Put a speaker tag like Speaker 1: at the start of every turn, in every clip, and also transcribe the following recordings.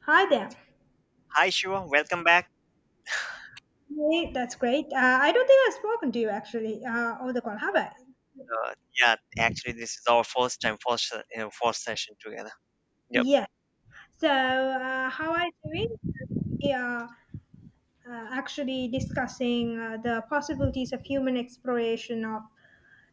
Speaker 1: Hi there.
Speaker 2: Hi Shiva, welcome back.
Speaker 1: Hey, that's great. I don't think I've spoken to you actually over the call, have I?
Speaker 2: Uh, yeah, actually, this is our first time, first session together. Yep,
Speaker 1: Yes. So, how are you doing? We are actually discussing the possibilities of human exploration of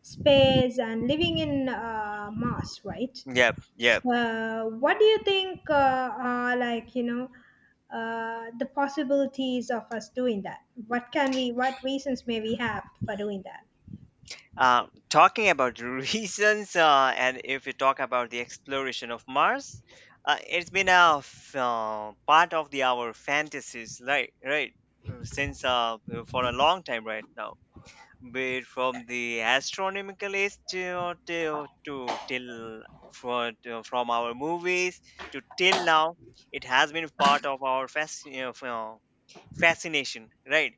Speaker 1: space and living in Mars, right?
Speaker 2: yep, yep.
Speaker 1: So, what do you think are the possibilities of us doing that? What can we, what reasons may we have for doing that?
Speaker 2: Talking about reasons, and if you talk about the exploration of Mars, it's been part of the our fantasies, right? Right, since for a long time right now. Where from the astronomical age to till from our movies to till now, it has been part of our fascination, right?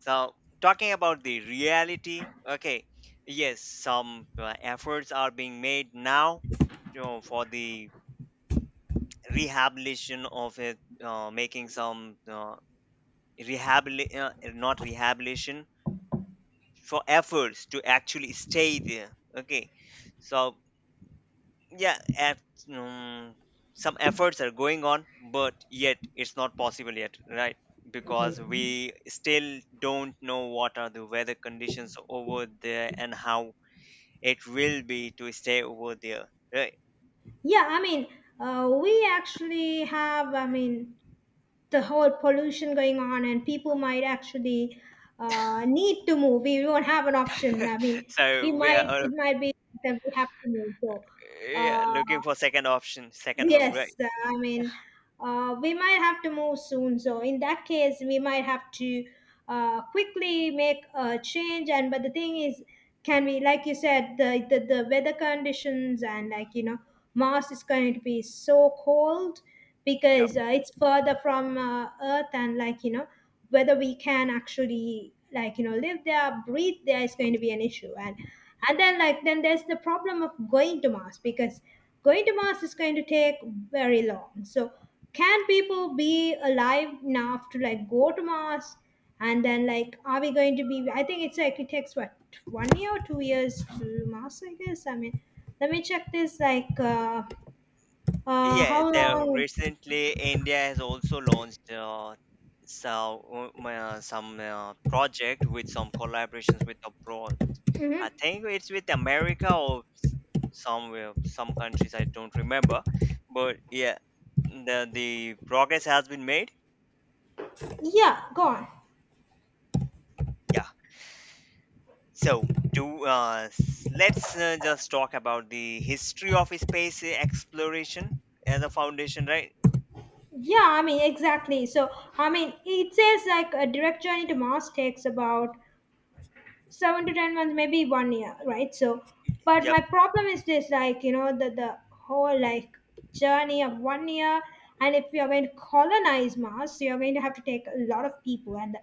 Speaker 2: So talking about the reality, okay, yes, some efforts are being made now, for the rehabilitation of it, making some rehabilitation, not rehabilitation, for efforts to actually stay there. Okay, so yeah. Um, some efforts are going on, but yet it's not possible yet, right? Because we still don't know what are the weather conditions over there and how it will be to stay over there, right?
Speaker 1: Yeah, I mean, we actually have, I mean, the whole pollution going on, and people might actually need to move. We won't have an option. I mean, we
Speaker 2: so we are
Speaker 1: might, it might be that we have to move. So,
Speaker 2: Yeah,
Speaker 1: uh,
Speaker 2: looking for second option, second home, right?
Speaker 1: yes, I mean, we might have to move soon. So in that case, we might have to quickly make a change. And but the thing is, can we, like you said, the, the weather conditions and like you know, Mars is going to be so cold because it's further from Earth, and like you know, whether we can actually like you know live there, breathe there is going to be an issue. And then like then there's the problem of going to Mars because going to Mars is going to take very long. So can people be alive enough to like go to Mars? And then like are we going to be, I think it's like it takes what, 1 year or 2 years to Mars, I guess. I mean let me check this
Speaker 2: Yeah,
Speaker 1: how
Speaker 2: the
Speaker 1: long.
Speaker 2: recently India has also launched some project with some collaborations with abroad.
Speaker 1: Hmm.
Speaker 2: I think it's with America somewhere, some countries I don't remember, but yeah, the progress has been made.
Speaker 1: Yeah, go on.
Speaker 2: Yeah. Let's just talk about the history of space exploration as a foundation, right?
Speaker 1: Yeah, I mean exactly. So I mean it says like a direct journey to Mars takes about 7 to 10 months, maybe 1 year, right? So but
Speaker 2: Yep.
Speaker 1: my problem is this like you know the whole like journey of 1 year, and if you're going to colonize mars you're going to have to take a lot of people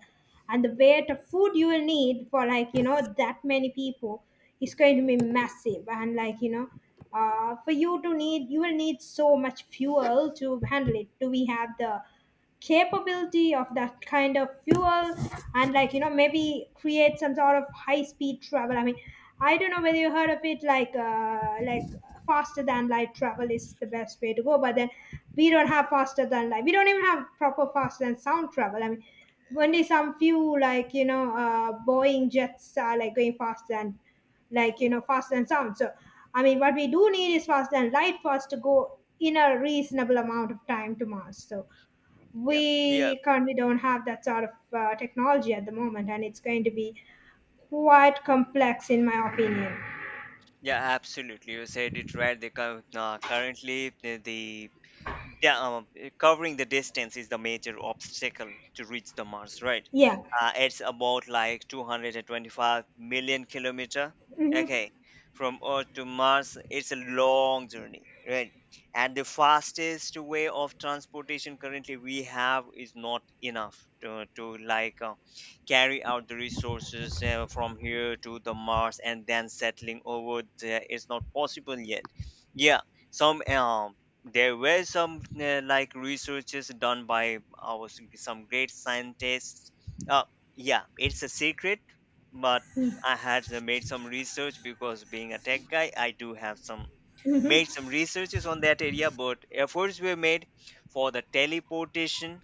Speaker 1: and the weight of food you will need for like you know that many people is going to be massive, and like you know, for you to need you will need so much fuel to handle it. Do we have the capability of that kind of fuel? And like you know maybe create some sort of high speed travel. I mean I don't know whether you heard of it like faster than light travel is the best way to go, but then we don't have faster than light, we don't even have proper faster than sound travel. I mean only some few like you know boeing jets are like going faster than like you know faster than sound. So I mean what we do need is faster than light for us to go in a reasonable amount of time to mars, so
Speaker 2: Yep. Yep.
Speaker 1: we currently don't have that sort of technology at the moment, and it's going to be quite complex in my opinion.
Speaker 2: Yeah, absolutely. You said it right. Currently, covering the distance is the major obstacle to reach the Mars, right?
Speaker 1: Yeah.
Speaker 2: It's about like 225 million kilometer.
Speaker 1: Hmm.
Speaker 2: Okay, from Earth to Mars, it's a long journey, right? And the fastest way of transportation currently we have is not enough to like, carry out the resources from here to the Mars and then settling over there. It's not possible yet. Yeah, some there were some like, researches done by some great scientists. uh, yeah, it's a secret, but I had made some research because, being a tech guy, I do have some made some researches on that area. But efforts were made for the teleportation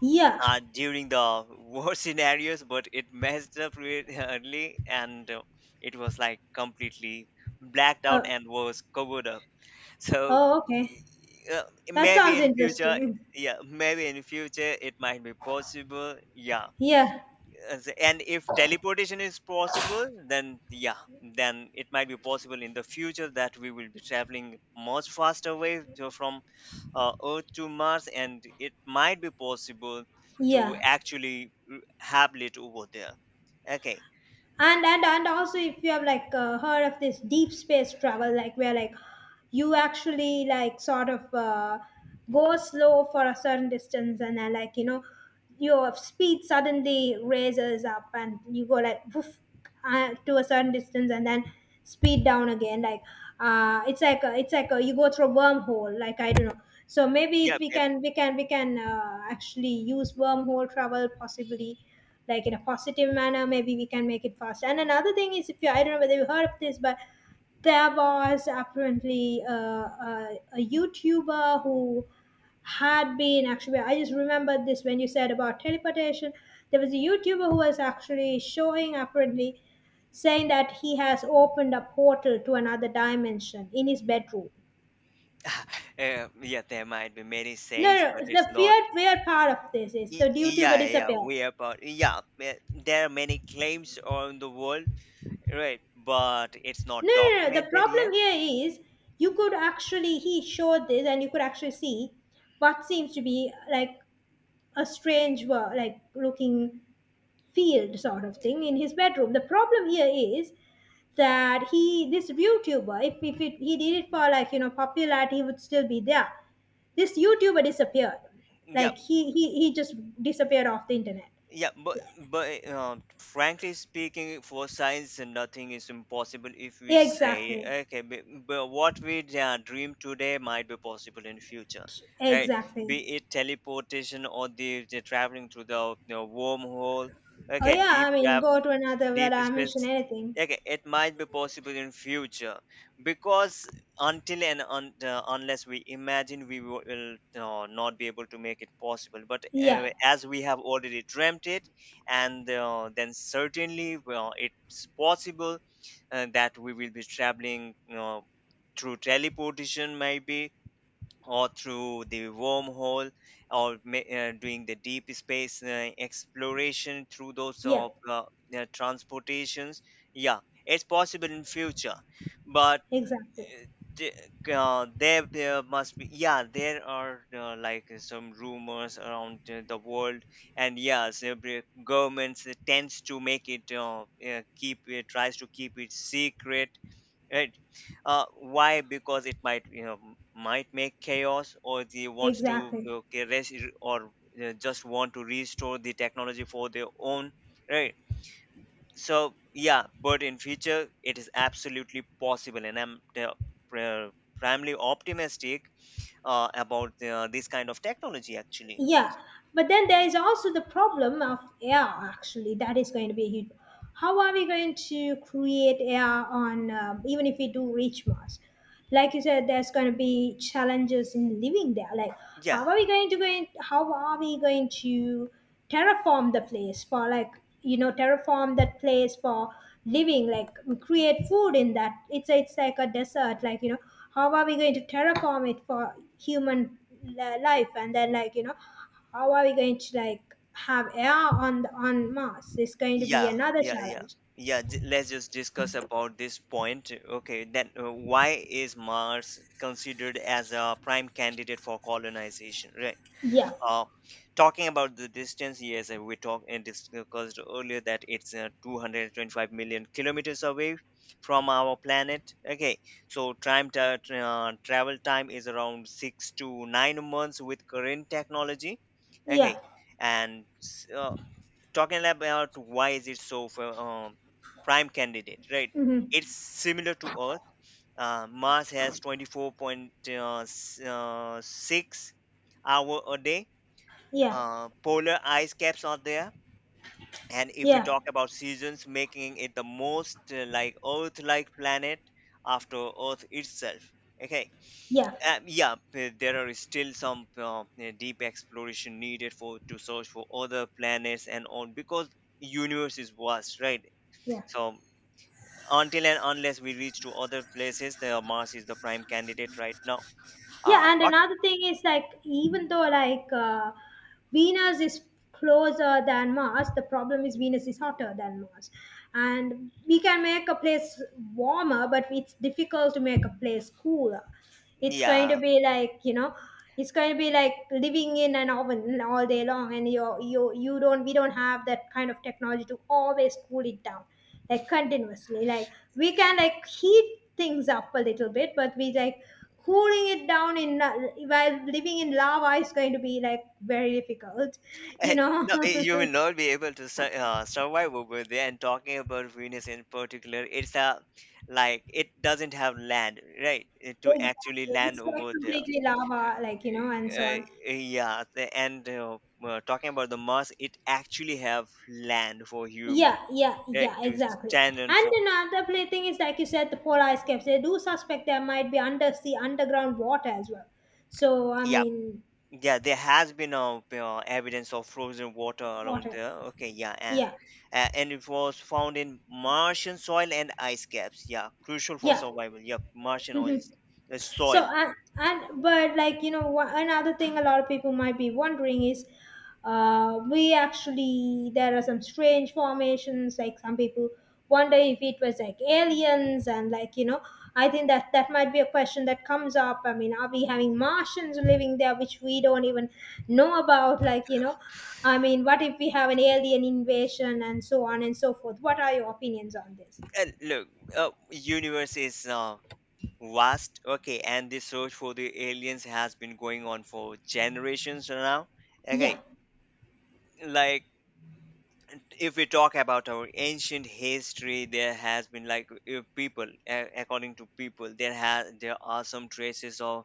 Speaker 1: Yeah.
Speaker 2: during the war scenarios, but it messed up really early, and it was like completely blacked out
Speaker 1: uh,
Speaker 2: and was covered up. So
Speaker 1: oh okay,
Speaker 2: uh,
Speaker 1: that
Speaker 2: maybe
Speaker 1: sounds
Speaker 2: in future.
Speaker 1: interesting.
Speaker 2: Yeah, maybe in future it might be possible. Yeah.
Speaker 1: Yeah.
Speaker 2: And if teleportation is possible, then yeah, then it might be possible in the future that we will be traveling much faster way from earth to Mars, and it might be possible to
Speaker 1: Yeah,
Speaker 2: actually habit over there. Okay.
Speaker 1: and also if you have like heard of this deep space travel like where like you actually like sort of go slow for a certain distance and then like you know your speed suddenly raises up and you go like woof, to a certain distance and then speed down again like it's like a, you go through a wormhole like I don't know. So maybe
Speaker 2: Yeah,
Speaker 1: if we
Speaker 2: yeah.
Speaker 1: can we can we can uh, actually use wormhole travel possibly like in a positive manner, maybe we can make it faster. And another thing is, if you, I don't know whether you heard of this, but there was apparently a youtuber who had been actually, I just remembered this when you said about teleportation, there was a youtuber who was actually showing apparently saying that he has opened a portal to another dimension in his bedroom.
Speaker 2: Yeah, there might be many
Speaker 1: No,
Speaker 2: sayings, but
Speaker 1: no,
Speaker 2: it's
Speaker 1: the
Speaker 2: not.
Speaker 1: weird part of this is the YouTuber
Speaker 2: Yeah, yeah,
Speaker 1: disappeared.
Speaker 2: way about yeah. There are many claims on the world, right? But it's not
Speaker 1: No. The
Speaker 2: documented
Speaker 1: problem
Speaker 2: yet.
Speaker 1: here is you could actually, he showed this, and you could actually see what seems to be like a strange, like looking field sort of thing in his bedroom. The problem here is that he, this YouTuber, if it, he did it for like you know popularity, he would still be there. This YouTuber disappeared.
Speaker 2: Yeah,
Speaker 1: Like he just disappeared off the internet.
Speaker 2: yeah. But frankly speaking, for science, nothing is impossible if we say
Speaker 1: Exactly.
Speaker 2: okay. But what we dream today might be possible in future, right?
Speaker 1: Exactly.
Speaker 2: Be it teleportation or the traveling through the wormhole.
Speaker 1: Oh
Speaker 2: Okay,
Speaker 1: yeah, I mean, go to another where
Speaker 2: deep
Speaker 1: I
Speaker 2: space.
Speaker 1: mention anything.
Speaker 2: Okay, it might be possible in future because until and unless we imagine, we will not be able to make it possible. But
Speaker 1: Yeah.
Speaker 2: as we have already dreamt it, and then certainly, well, it's possible that we will be traveling you through teleportation maybe, or through the wormhole, or doing the deep space exploration through those
Speaker 1: Yeah,
Speaker 2: transportations. Yeah, it's possible in future. But
Speaker 1: exactly.
Speaker 2: uh, the- there must be, yeah, there are like, some rumors around the world. And yes, the governments tends to make it keep it tries to keep it secret, right? uh, why? Because it might, you know, might make chaos, or they wants to
Speaker 1: Exactly.
Speaker 2: okay, rest, or just want to restore the technology for their own, right? So yeah, but in future it is absolutely possible, and I'm pri- primarily optimistic about this kind of technology actually.
Speaker 1: Yeah. But then there is also the problem of air, actually. That is going to be huge. How are we going to create air on, even if we do reach Mars? Like you said, there's going to be challenges in living there. Like,
Speaker 2: Yeah.
Speaker 1: how are we going to, going, how are we going to terraform the place for like you know terraform that place for living, like create food in that, it's like a desert, like you know how are we going to terraform it for human life, and then like you know how are we going to like have air on the, on mars, it's going to be
Speaker 2: Yeah,
Speaker 1: another
Speaker 2: yeah, yeah.
Speaker 1: challenge.
Speaker 2: Yeah, let's just discuss about this point. Okay, then why is Mars considered as a prime candidate for colonization? Right.
Speaker 1: Yeah.
Speaker 2: Uh, Talking about the distance, yes, we talked and discussed earlier that it's 225 million kilometers away from our planet. Okay, so travel time is around 6 to 9 months with current technology.
Speaker 1: Yeah.
Speaker 2: Okay, and s- uh, talking about why is it so for prime candidate, right?
Speaker 1: Hmm.
Speaker 2: It's similar to Earth. Mars has 24.6 hour a day.
Speaker 1: Yeah.
Speaker 2: Polar ice caps are there, and if we
Speaker 1: Yeah,
Speaker 2: talk about seasons, making it the most like earth like planet after earth itself. Okay.
Speaker 1: yeah.
Speaker 2: Yeah, there are still some deep exploration needed for to search for other planets and all because universe is vast, right?
Speaker 1: Yeah.
Speaker 2: So until and unless we reach to other places, the Mars is the prime candidate right now. uh,
Speaker 1: Yeah, and
Speaker 2: talk,
Speaker 1: another thing is like even though like Venus is closer than Mars, the problem is Venus is hotter than Mars, and we can make a place warmer, but it's difficult to make a place cooler. It's going to
Speaker 2: yeah.
Speaker 1: be like you know it's going to be like living in an oven all day long, and you don't, we don't have that kind of technology to always cool it down like continuously. Like we can like heat things up a little bit, but we like cooling it down in while living in lava is going to be like very difficult, you
Speaker 2: Eh,
Speaker 1: know.
Speaker 2: No, you will not be able to survive over there. And talking about Venus in particular, it's a, like, it doesn't have land, right? To
Speaker 1: Exactly.
Speaker 2: actually land
Speaker 1: It's like
Speaker 2: over there.
Speaker 1: completely lava, like, you know, and so on.
Speaker 2: Yeah, the- and talking about the Mars, it actually have land for humans,
Speaker 1: Yeah, yeah,
Speaker 2: right?
Speaker 1: yeah,
Speaker 2: To
Speaker 1: exactly.
Speaker 2: stand on
Speaker 1: And
Speaker 2: for.
Speaker 1: another play thing is, like you said, the polar ice caps. They do suspect there might be undersea, underground water as well. So, I
Speaker 2: Yeah,
Speaker 1: mean,
Speaker 2: yeah, there has been evidence of frozen water around
Speaker 1: water.
Speaker 2: there. Okay, yeah,
Speaker 1: Yeah,
Speaker 2: and it was found in Martian soil and ice caps. Yeah, crucial for
Speaker 1: yeah.
Speaker 2: survival. Yeah, Martian oils,
Speaker 1: So
Speaker 2: soil.
Speaker 1: and but like you know another thing a lot of people might be wondering is, we actually, there are some strange formations. Like some people wonder if it was like aliens, and like you know I think that that might be a question that comes up. I mean, are we having Martians living there which we don't even know about? Like you know, I mean, what if we have an alien invasion and so on and so forth? What are your opinions on this?
Speaker 2: And look, universe is vast. Okay, and the search for the aliens has been going on for generations now.
Speaker 1: Yeah,
Speaker 2: Okay, like, if we talk about our ancient history, there has been, like, if people according to people, there are some traces of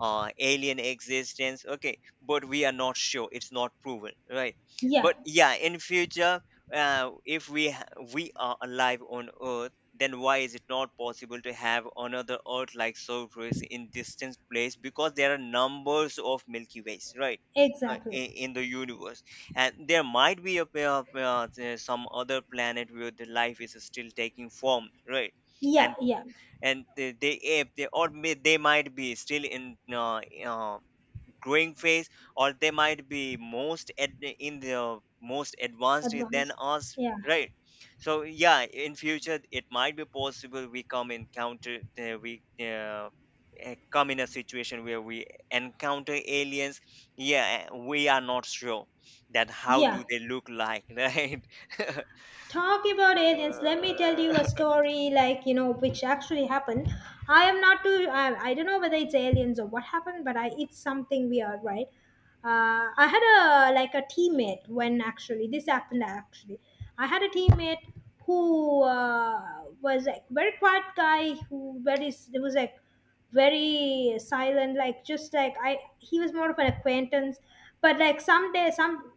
Speaker 2: alien existence. Okay, but we are not sure, it's not proven, right?
Speaker 1: yeah,
Speaker 2: But yeah, in future, if we ha- we are alive on earth, then why is it not possible to have another earth like surface in distant place? Because there are numbers of milky ways, right? In,
Speaker 1: exactly.
Speaker 2: in the universe. And there might be some other planet where the life is still taking form, right?
Speaker 1: Yeah,
Speaker 2: and
Speaker 1: yeah.
Speaker 2: and they if they or may, they might be still in growing phase, or they might be in the most advanced than
Speaker 1: Advanced.
Speaker 2: us,
Speaker 1: Yeah.
Speaker 2: right? So yeah, in future it might be possible we come encounter come in a situation where we encounter aliens. Yeah, we are not sure that how
Speaker 1: Yeah,
Speaker 2: do they look like. Right.
Speaker 1: talk about aliens, let me tell you a story like you know which actually happened. I am not too, I don't know whether it's aliens or what happened, but I, it's something weird, right? I had a like a teammate when actually this happened, actually I had a teammate who was like very quiet guy who very it was like very silent, like just like I, he was more of an acquaintance. But like someday, some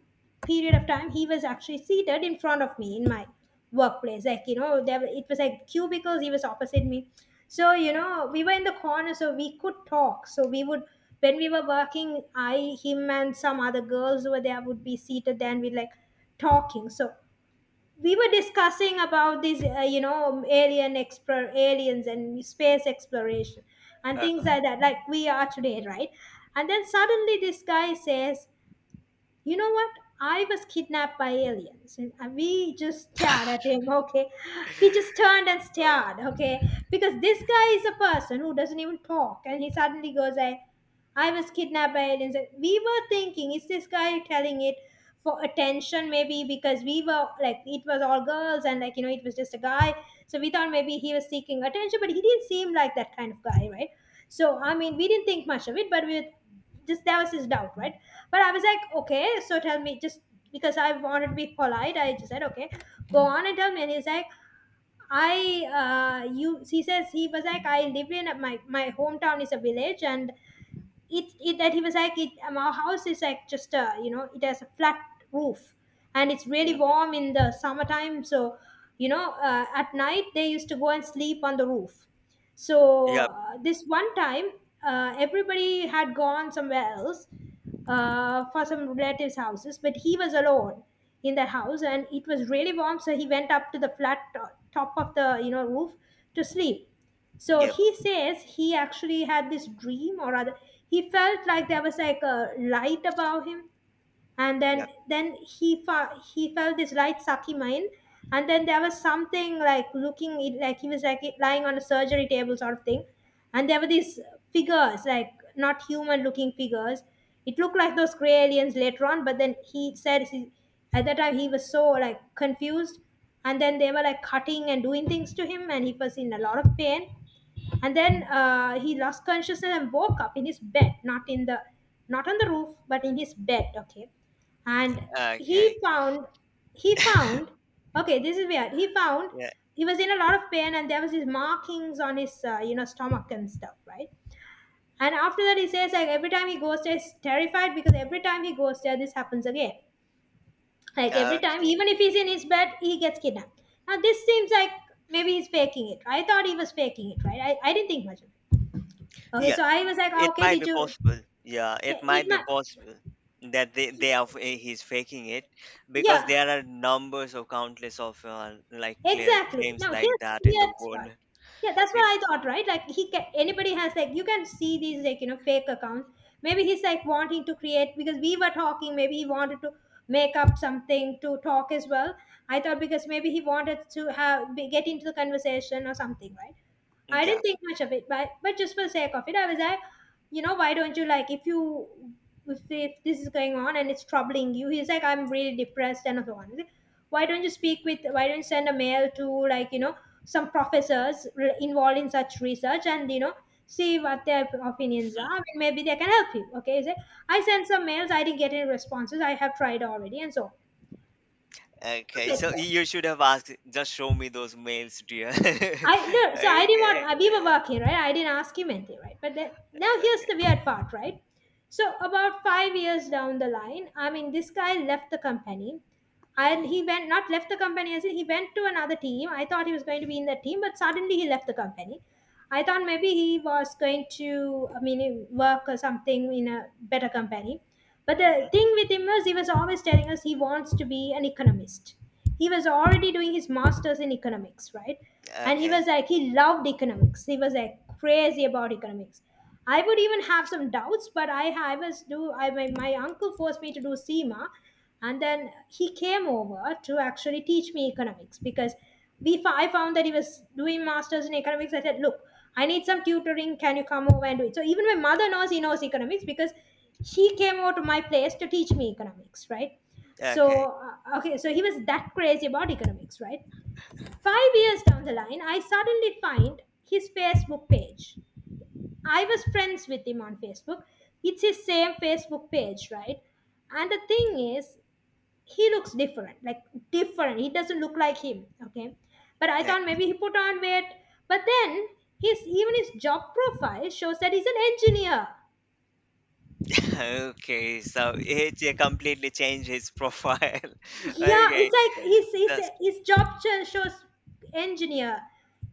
Speaker 1: period of time he was actually seated in front of me in my workplace, like you know there were- it was like cubicles, he was opposite me. So you know we were in the corner so we could talk, so we would, when we were working, I, him and some other girls who were there would be seated there and we like talking. So we were discussing about these alien explore aliens and space exploration and
Speaker 2: uh,
Speaker 1: things like that, like we are today, right? And then suddenly this guy says, you know what? I was kidnapped by aliens. And we just
Speaker 2: uh,
Speaker 1: stared at him. Okay, we just turned and stared. Okay, because this guy is a person who doesn't even talk, and he suddenly goes I was kidnapped by aliens." And we were thinking, is this guy telling it for attention? Maybe because we were like, it was all girls, and like you know, it was just a guy. So we thought maybe he was seeking attention, but he didn't seem like that kind of guy, right? So I mean, we didn't think much of it, but we just, that was his doubt, right? But I was like, okay, so tell me, just because I wanted to be polite, I just said, okay, go on and tell me. And he's like, I, you, he says, he was like, I live in a, my hometown is a village, and it that he was like it, our house is like, just a you know it has a flat roof, and it's really
Speaker 2: mhm.
Speaker 1: warm in the summertime. So at night they used to go and sleep on the roof. So
Speaker 2: Yep,
Speaker 1: this one time everybody had gone somewhere else, for some relatives houses, but he was alone in that house, and it was really warm, so he went up to the top of the roof to sleep. So
Speaker 2: yep.
Speaker 1: he says he actually had this dream, or rather, he felt like there was like a light above him, and he felt this light sucking mine, and then there was something like like he was like lying on a surgery table sort of thing, and there were these figures like not human looking figures. It looked like those gray aliens later on, but then he said at that time he was so like confused, and then they were like cutting and doing things to him, and he was in a lot of pain. And then he lost consciousness and woke up in his bed, not on the roof, but in his bed. Okay. And he
Speaker 2: Okay.
Speaker 1: found he found okay this is weird he found
Speaker 2: Yeah.
Speaker 1: he was in a lot of pain, and there was his markings on his you know, stomach and stuff, right? And after that, he says like every time he goes there, he's terrified, because every time he goes there this happens again. Like every time,
Speaker 2: Okay.
Speaker 1: even if he's in his bed, he gets kidnapped. Now this seems like maybe he's faking it. I thought he was faking it. I didn't think much of it. Okay,
Speaker 2: Yeah.
Speaker 1: so I was like, "Ah,
Speaker 2: It
Speaker 1: okay,
Speaker 2: might
Speaker 1: did
Speaker 2: be
Speaker 1: you?"
Speaker 2: possible. Yeah.
Speaker 1: Yeah,
Speaker 2: It
Speaker 1: it
Speaker 2: might be
Speaker 1: might,
Speaker 2: possible that they are f- eh, he's faking it because
Speaker 1: yeah,
Speaker 2: there are numbers of countless of like, clear
Speaker 1: exactly.
Speaker 2: claims
Speaker 1: Now
Speaker 2: like
Speaker 1: here's the
Speaker 2: that in the
Speaker 1: weird
Speaker 2: world.
Speaker 1: part. Yeah, that's what
Speaker 2: Eh,
Speaker 1: I thought, right? Like he can, anybody has, like, you can see these like, you know, fake accounts. Maybe he's like wanting to create, because we were talking. Maybe he wanted to make up something to talk as well. I thought because maybe he wanted to get into the conversation or something, right? I
Speaker 2: Yeah.
Speaker 1: didn't think much of it, but just for the sake of it, I was like, you know, why don't you like if you if this is going on and it's troubling you. He's like, "I'm really depressed," and so on. He's like, why don't you send a mail to, like, you know, some professors involved in such research, and you know, see what their opinions are and maybe they can help you. Okay, he said, "I sent some mails, I didn't get any responses, I have tried already," and so on.
Speaker 2: Okay.
Speaker 1: Okay, so
Speaker 2: So you should have asked. Just show me those mails, dear.
Speaker 1: I didn't
Speaker 2: Okay.
Speaker 1: want, we were working, right? I didn't ask him anything, right? But then now here's the weird part, right? So about 5 years down the line, I mean, this guy left the company, and
Speaker 2: Mm-hmm.
Speaker 1: he went not left the company, as in he went to another team. I thought he was going to be in that team, but suddenly he left the company. I thought maybe he was going to, I mean, work or something in a better company. But
Speaker 2: Mm-hmm.
Speaker 1: the thing with him was he was always telling us he wants to be an economist. He was already doing his master's in economics, right? And he
Speaker 2: Okay.
Speaker 1: was like, he loved economics. He was like crazy about economics. I would even have some doubts, but I was do I my, my uncle forced me to do SEMA, and then he came over to actually teach me economics, because we I found that he was doing masters in economics. I said, "Look, I need some tutoring. Can you come over and do it?" So even my mother knows he knows economics, because she came over to my place to teach me economics, right?
Speaker 2: Okay.
Speaker 1: So okay, so he was that crazy about economics, right? 5 years down the line, I suddenly find his Facebook page. I was friends with him on Facebook. It's his same Facebook page, right? And the thing is, he looks different, he doesn't look like him. Okay, but I
Speaker 2: Like,
Speaker 1: thought maybe he put on weight. But then his, even his job profile shows that he's an engineer.
Speaker 2: okay, so it completely changed his profile.
Speaker 1: Yeah,
Speaker 2: Okay,
Speaker 1: it's like his
Speaker 2: just
Speaker 1: shows engineer.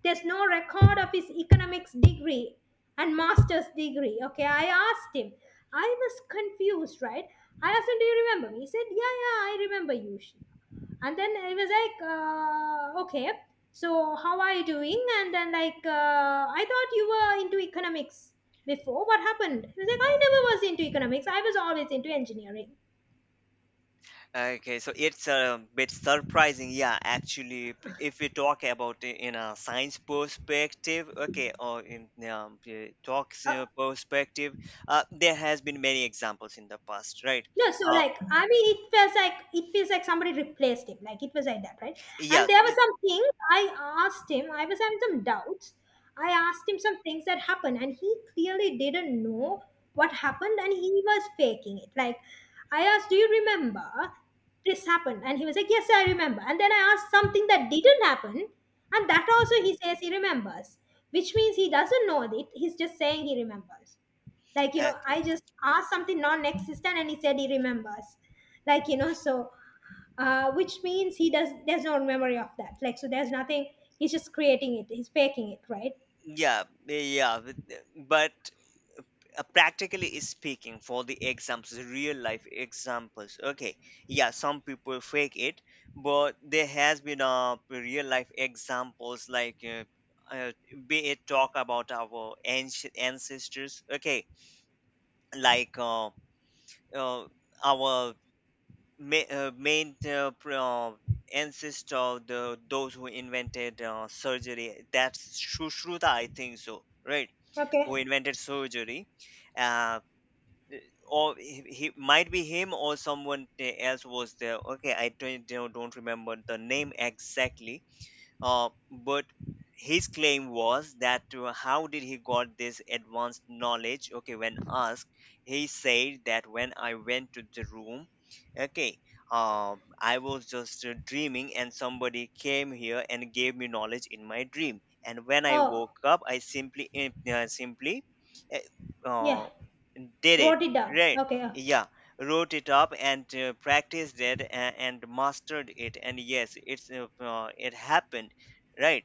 Speaker 1: There's no record of his economics degree and master's degree. Okay, I asked him. I was confused, right? I asked him, "Do you remember me?" He said, "Yeah, yeah, I remember you, Shiv." And then it was like, "Okay, so how are you doing?" And then like, "I thought you were into economics before. What happened?" He was like, "I never
Speaker 2: hmm.
Speaker 1: was into economics. I was always into engineering."
Speaker 2: Okay, so it's a bit surprising. Yeah, actually, if we talk about it in a science perspective, okay, or in talks perspective, there has been many examples in the past, right?
Speaker 1: No, so
Speaker 2: Uh,
Speaker 1: like, I mean, it feels like, somebody replaced him. Like it was like that, right?
Speaker 2: yeah,
Speaker 1: And there were some things I asked him. I was having some doubts. I asked him some things that happened, and he clearly didn't know what happened, and he was faking it. Like I asked, "Do you remember this happened?" And he was like, "Yes, I remember." And then I asked something that didn't happen, and that also he says he remembers, which means he doesn't know it. He's just saying he remembers. Like, you know, I
Speaker 2: okay,
Speaker 1: just asked something non-existent, and he said he remembers, like, you know. So which means he does, there's no memory of that, like, so there's nothing. He's just creating it, he's faking it, right?
Speaker 2: yeah, yeah, but practically speaking, for the examples, real life examples. Okay, yeah, some people fake it, but there has been real life examples like, uh, be it talk about our ancient ancestors. Okay, like, uh, our main ancestor, the those who invented surgery. That's Sushruta, I think so, right? Who
Speaker 1: Okay.
Speaker 2: invented surgery. uh, or he might be him or else was there. Okay, I don't remember the name exactly, but his claim was that how did he got this advanced knowledge. Okay, when asked, he said that when I went to the room, okay, I was just dreaming and somebody came here and gave me knowledge in my dream, and when I
Speaker 1: Oh,
Speaker 2: woke up, I uh, simply eh,
Speaker 1: yeah,
Speaker 2: uh, did it,
Speaker 1: wrote it down.
Speaker 2: right?
Speaker 1: Okay,
Speaker 2: Yeah, wrote it up and practiced it and mastered it, and yes, it's it happened, right?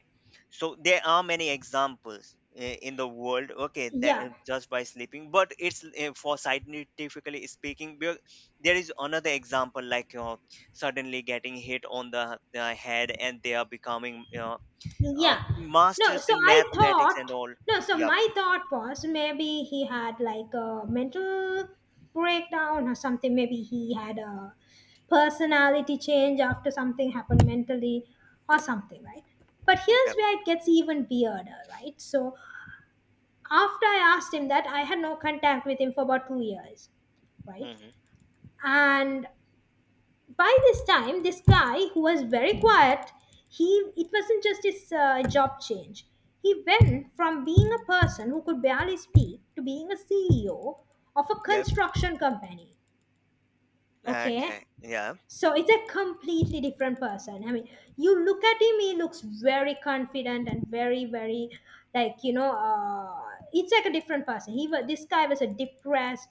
Speaker 2: So there are many examples in the world. Okay, that
Speaker 1: yeah.
Speaker 2: just by sleeping, but it's for scientifically speaking, there is another example like suddenly getting hit on the head, and they are becoming
Speaker 1: Yeah. No,
Speaker 2: masters
Speaker 1: so
Speaker 2: in
Speaker 1: I
Speaker 2: mathematics and
Speaker 1: thought,
Speaker 2: all.
Speaker 1: no, so
Speaker 2: Yep,
Speaker 1: my thought was maybe he had like a mental breakdown or something. Maybe he had a personality change after something happened mentally or something, right? But here's
Speaker 2: yep.
Speaker 1: where it gets even weirder, right? So after I asked him that, I had no contact with him for about 2 years, right?
Speaker 2: Hmm.
Speaker 1: And by this time, this guy who was very quiet, he it wasn't just his job change. He went from being a person who could barely speak to being a CEO of a
Speaker 2: Yep.
Speaker 1: construction company. Okay,
Speaker 2: Okay. Yeah.
Speaker 1: so it's a completely different person. I mean, you look at him, he looks very confident and very, very, like, you know, it's like a different person. He was, this guy was a depressed,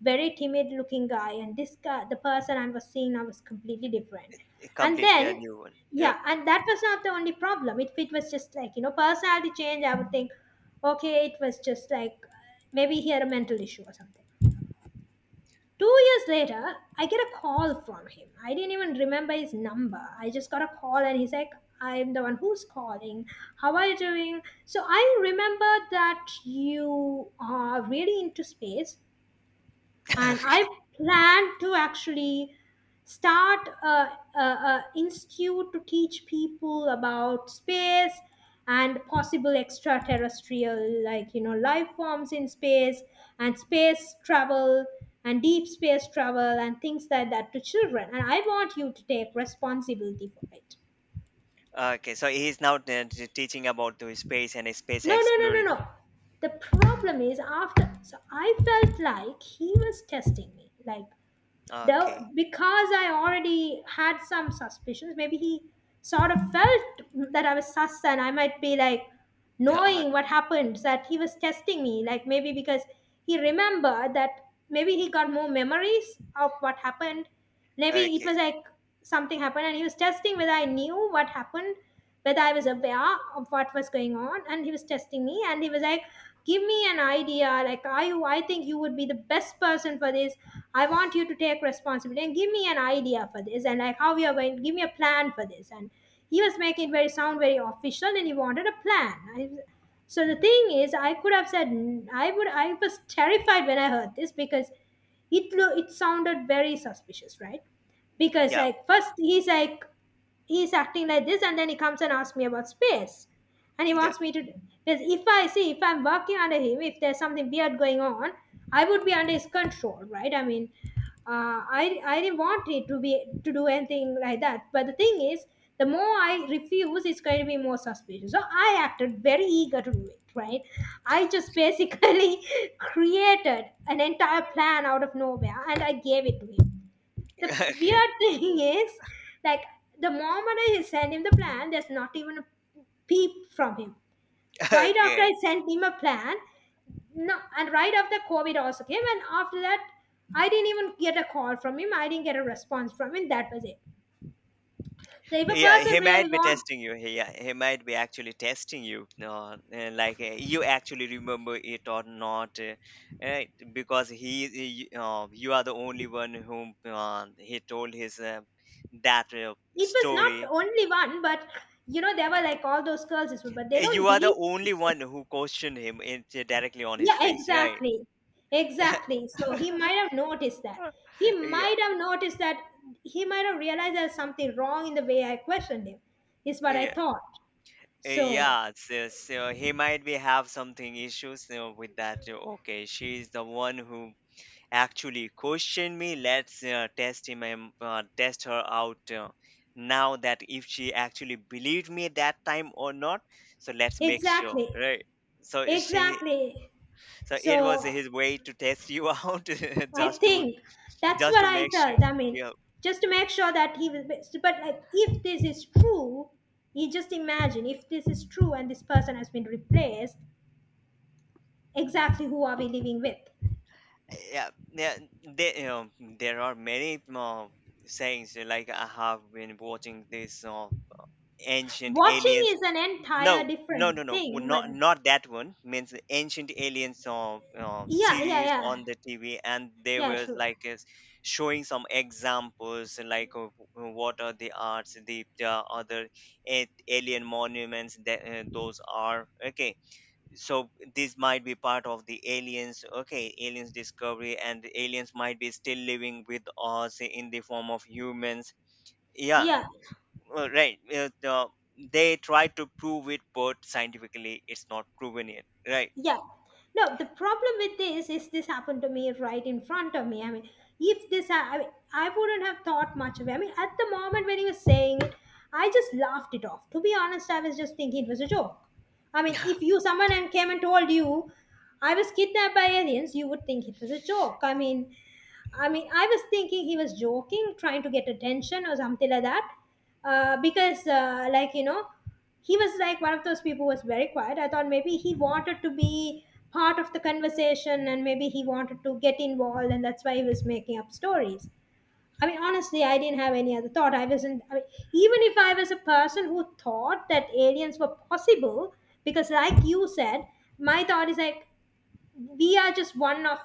Speaker 1: very timid looking guy. And this guy, the person I was seeing, I was completely different. And
Speaker 2: Completely a
Speaker 1: then,
Speaker 2: new one. Yep.
Speaker 1: yeah, and that was not the only problem. If it was just like, you know, personality change, I would think, okay, it was just like maybe he had a mental issue or something. 2 years later, I get a call from him. I didn't even remember his number. I just got a call and he's like, "I'm the one who's calling. How are you doing? So I remember that you are really into space, and I plan to actually start a, a institute to teach people about space and possible extraterrestrial, like, you know, life forms in space, and space travel, and deep space travel, and things like that to children, and I want you to take responsibility for it."
Speaker 2: Okay, so he's now teaching about the space and space
Speaker 1: No, no, no, no,
Speaker 2: exploration.
Speaker 1: no, the problem is after, so I felt like he was testing me, like, though,
Speaker 2: Okay.
Speaker 1: because I already had some suspicions, maybe he sort of felt that I was sus and I might be like
Speaker 2: Yeah,
Speaker 1: knowing what happened, that he was testing me. Like, maybe because he remembered that, maybe he got more memories of what happened. Maybe it
Speaker 2: okay.
Speaker 1: was like something happened and he was testing whether I knew what happened, whether I was aware of what was going on. And he was testing me and he was like, "Give me an idea. Like, are you, I think you would be the best person for this. I want you to take responsibility and give me an idea for this, and like how we are going, give me a plan for this." And he was making it very, sound very official, and he wanted a plan. So the thing is, I could have said I would. I was terrified when I heard this, because it sounded very suspicious, right? Because
Speaker 2: Yeah.
Speaker 1: like, first he's like, he's acting like this, and then he comes and asks me about space, and he
Speaker 2: Yeah.
Speaker 1: wants me to, because if I see, if I'm working under him, if there's something weird going on, I would be under his control, right? I mean, I didn't want it to be, to do anything like that, but the thing is, the more I refuse, it's going to be more suspicious. So I acted very eager to do it, right? I just basically created an entire plan out of nowhere and I gave it to him. The
Speaker 2: Okay.
Speaker 1: weird thing is, like, the moment I sent him the plan, there's not even a peep from him. Right after
Speaker 2: Okay.
Speaker 1: I sent him a plan, no, and right after COVID also came, and after that, I didn't even get a call from him. I didn't get a response from him. That was it. So if a
Speaker 2: Yeah,
Speaker 1: person
Speaker 2: he might
Speaker 1: really
Speaker 2: be
Speaker 1: want,
Speaker 2: testing you. Yeah, he might be actually testing you. Like, you actually remember it or not, right? Because you are the only one whom he told his that
Speaker 1: it was not
Speaker 2: story.
Speaker 1: only one, but you know, there were like all those girls, as well, but they don't
Speaker 2: You are the
Speaker 1: believe.
Speaker 2: only one who questioned him directly on his
Speaker 1: Yeah,
Speaker 2: face, right?
Speaker 1: exactly. Exactly. So he might have noticed that. He
Speaker 2: Yeah,
Speaker 1: might have noticed that. He might have realized there's something wrong in the way I questioned him, is what I
Speaker 2: yeah,
Speaker 1: thought. So,
Speaker 2: yeah. So he might be have something issues, you know, with that. Okay, she's the one who actually questioned me. Let's test him and test her out, now that, if she actually believed me at that time or not. So let's make sure,
Speaker 1: exactly.
Speaker 2: right? So is she,
Speaker 1: Exactly.
Speaker 2: so it was
Speaker 1: So,
Speaker 2: his way to test you out,
Speaker 1: I
Speaker 2: just to
Speaker 1: think that's
Speaker 2: just
Speaker 1: what
Speaker 2: to
Speaker 1: I
Speaker 2: make sure.
Speaker 1: felt. I mean,
Speaker 2: Yeah,
Speaker 1: just to make sure that he was. But like, if this is true, you just imagine if this is true and this person has been replaced, exactly who are we living with?
Speaker 2: yeah, yeah. There, you know, there are many sayings. Like, I have been watching this ancient
Speaker 1: Watching
Speaker 2: aliens.
Speaker 1: is an entire
Speaker 2: No, no, no,
Speaker 1: different
Speaker 2: no. Well,
Speaker 1: thing, but
Speaker 2: not that one means the ancient aliens
Speaker 1: yeah, yeah,
Speaker 2: series
Speaker 1: yeah.
Speaker 2: on the TV. And they
Speaker 1: Yeah,
Speaker 2: were
Speaker 1: true.
Speaker 2: like, is showing some examples like of what are the arts, the other alien monuments that those are. Okay, so this might be part of the aliens. Okay, aliens discovery, and aliens might be still living with us in the form of humans. Yeah,
Speaker 1: Yeah,
Speaker 2: right. They try to prove it, but scientifically it's not proven yet, right?
Speaker 1: yeah. No, the problem with this is this happened to me right in front of me. I mean, if this, ha- I mean, I wouldn't have thought much of it. I mean, at the moment when he was saying it, I just laughed it off. To be honest, I was just thinking it was a joke. I mean, if you someone and came and told you I was kidnapped by aliens, you would think it was a joke. I mean, I was thinking he was joking, trying to get attention or something like that. Because, like, you know, he was like one of those people who was very quiet. I thought maybe he wanted to be part of the conversation and maybe he wanted to get involved, and that's why he was making up stories. I mean, honestly, I didn't have any other thought. I mean, even if I was a person who thought that aliens were possible, because, like you said, my thought is like, we are just one of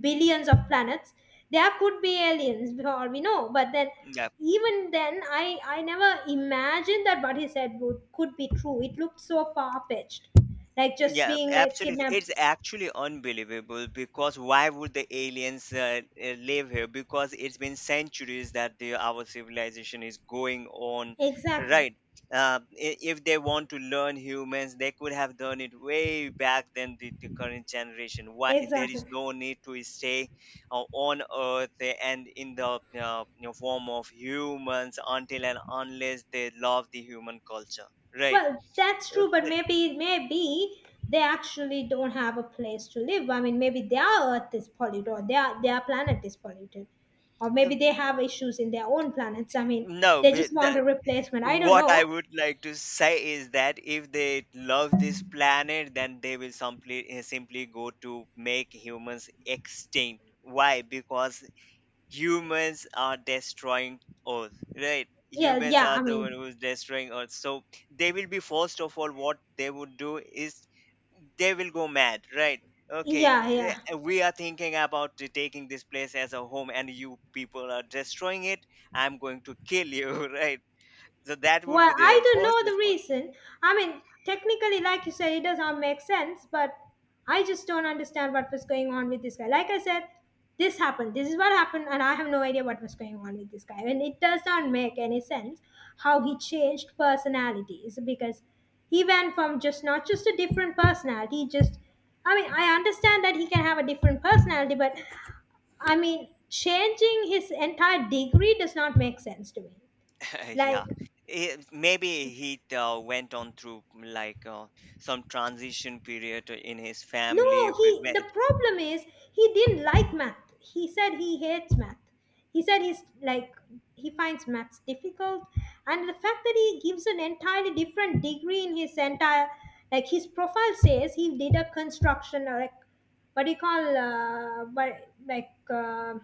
Speaker 1: billions of planets. There could be aliens for all we know, but then
Speaker 2: Yeah.
Speaker 1: even then, I never imagined that what he said would could be true. It looked so far-fetched, like just
Speaker 2: Yeah,
Speaker 1: being like
Speaker 2: absolutely. It's
Speaker 1: kidnapped.
Speaker 2: actually unbelievable because why would the aliens live here? Because it's been centuries that our civilization is going on,
Speaker 1: Exactly.
Speaker 2: right? If they want to learn humans, they could have done it way back than the current generation. Why there is
Speaker 1: Exactly.
Speaker 2: no need to stay on Earth and in the form of humans until and unless they love the human culture, right?
Speaker 1: Well, that's
Speaker 2: Uh,
Speaker 1: true, but
Speaker 2: the-
Speaker 1: maybe they actually don't have a place to live. I mean, maybe their Earth is polluted, or their planet is polluted, or maybe
Speaker 2: um,
Speaker 1: they have issues in their own planets. I mean,
Speaker 2: no,
Speaker 1: they
Speaker 2: but
Speaker 1: just want a replacement. I don't
Speaker 2: what I
Speaker 1: know.
Speaker 2: would like to say is that if they love this planet, then they will simply go to make humans extinct. Why? Because humans are destroying Earth, right?
Speaker 1: Yeah,
Speaker 2: Humans
Speaker 1: yeah.
Speaker 2: are
Speaker 1: I
Speaker 2: the one
Speaker 1: mean,
Speaker 2: who's destroying Earth. So they will be first of all. What they would do is they will go mad, right? Okay,
Speaker 1: yeah, yeah.
Speaker 2: we are thinking about taking this place as a home, and you people are destroying it. I'm going to kill you, right? So that would
Speaker 1: Well,
Speaker 2: be
Speaker 1: I
Speaker 2: the
Speaker 1: don't
Speaker 2: first
Speaker 1: know the
Speaker 2: response.
Speaker 1: reason. I mean, technically, like you said, it does not make sense, but I just don't understand what was going on with this guy. Like I said, this happened. This is what happened, and I have no idea what was going on with this guy. And it does not make any sense how he changed personalities, because he went from just not just a different personality, just I mean, I understand that he can have a different personality, but I mean, changing his entire degree does not make sense to me.
Speaker 2: Yeah,
Speaker 1: Like,
Speaker 2: Maybe he went on through like some transition period in his
Speaker 1: no,
Speaker 2: family
Speaker 1: he the
Speaker 2: where
Speaker 1: problem is he didn't like math. He said he hates math. He said he's like he finds maths difficult, and the fact that he gives an entirely different degree in his entire like his profile says he did a construction or like what do you call but like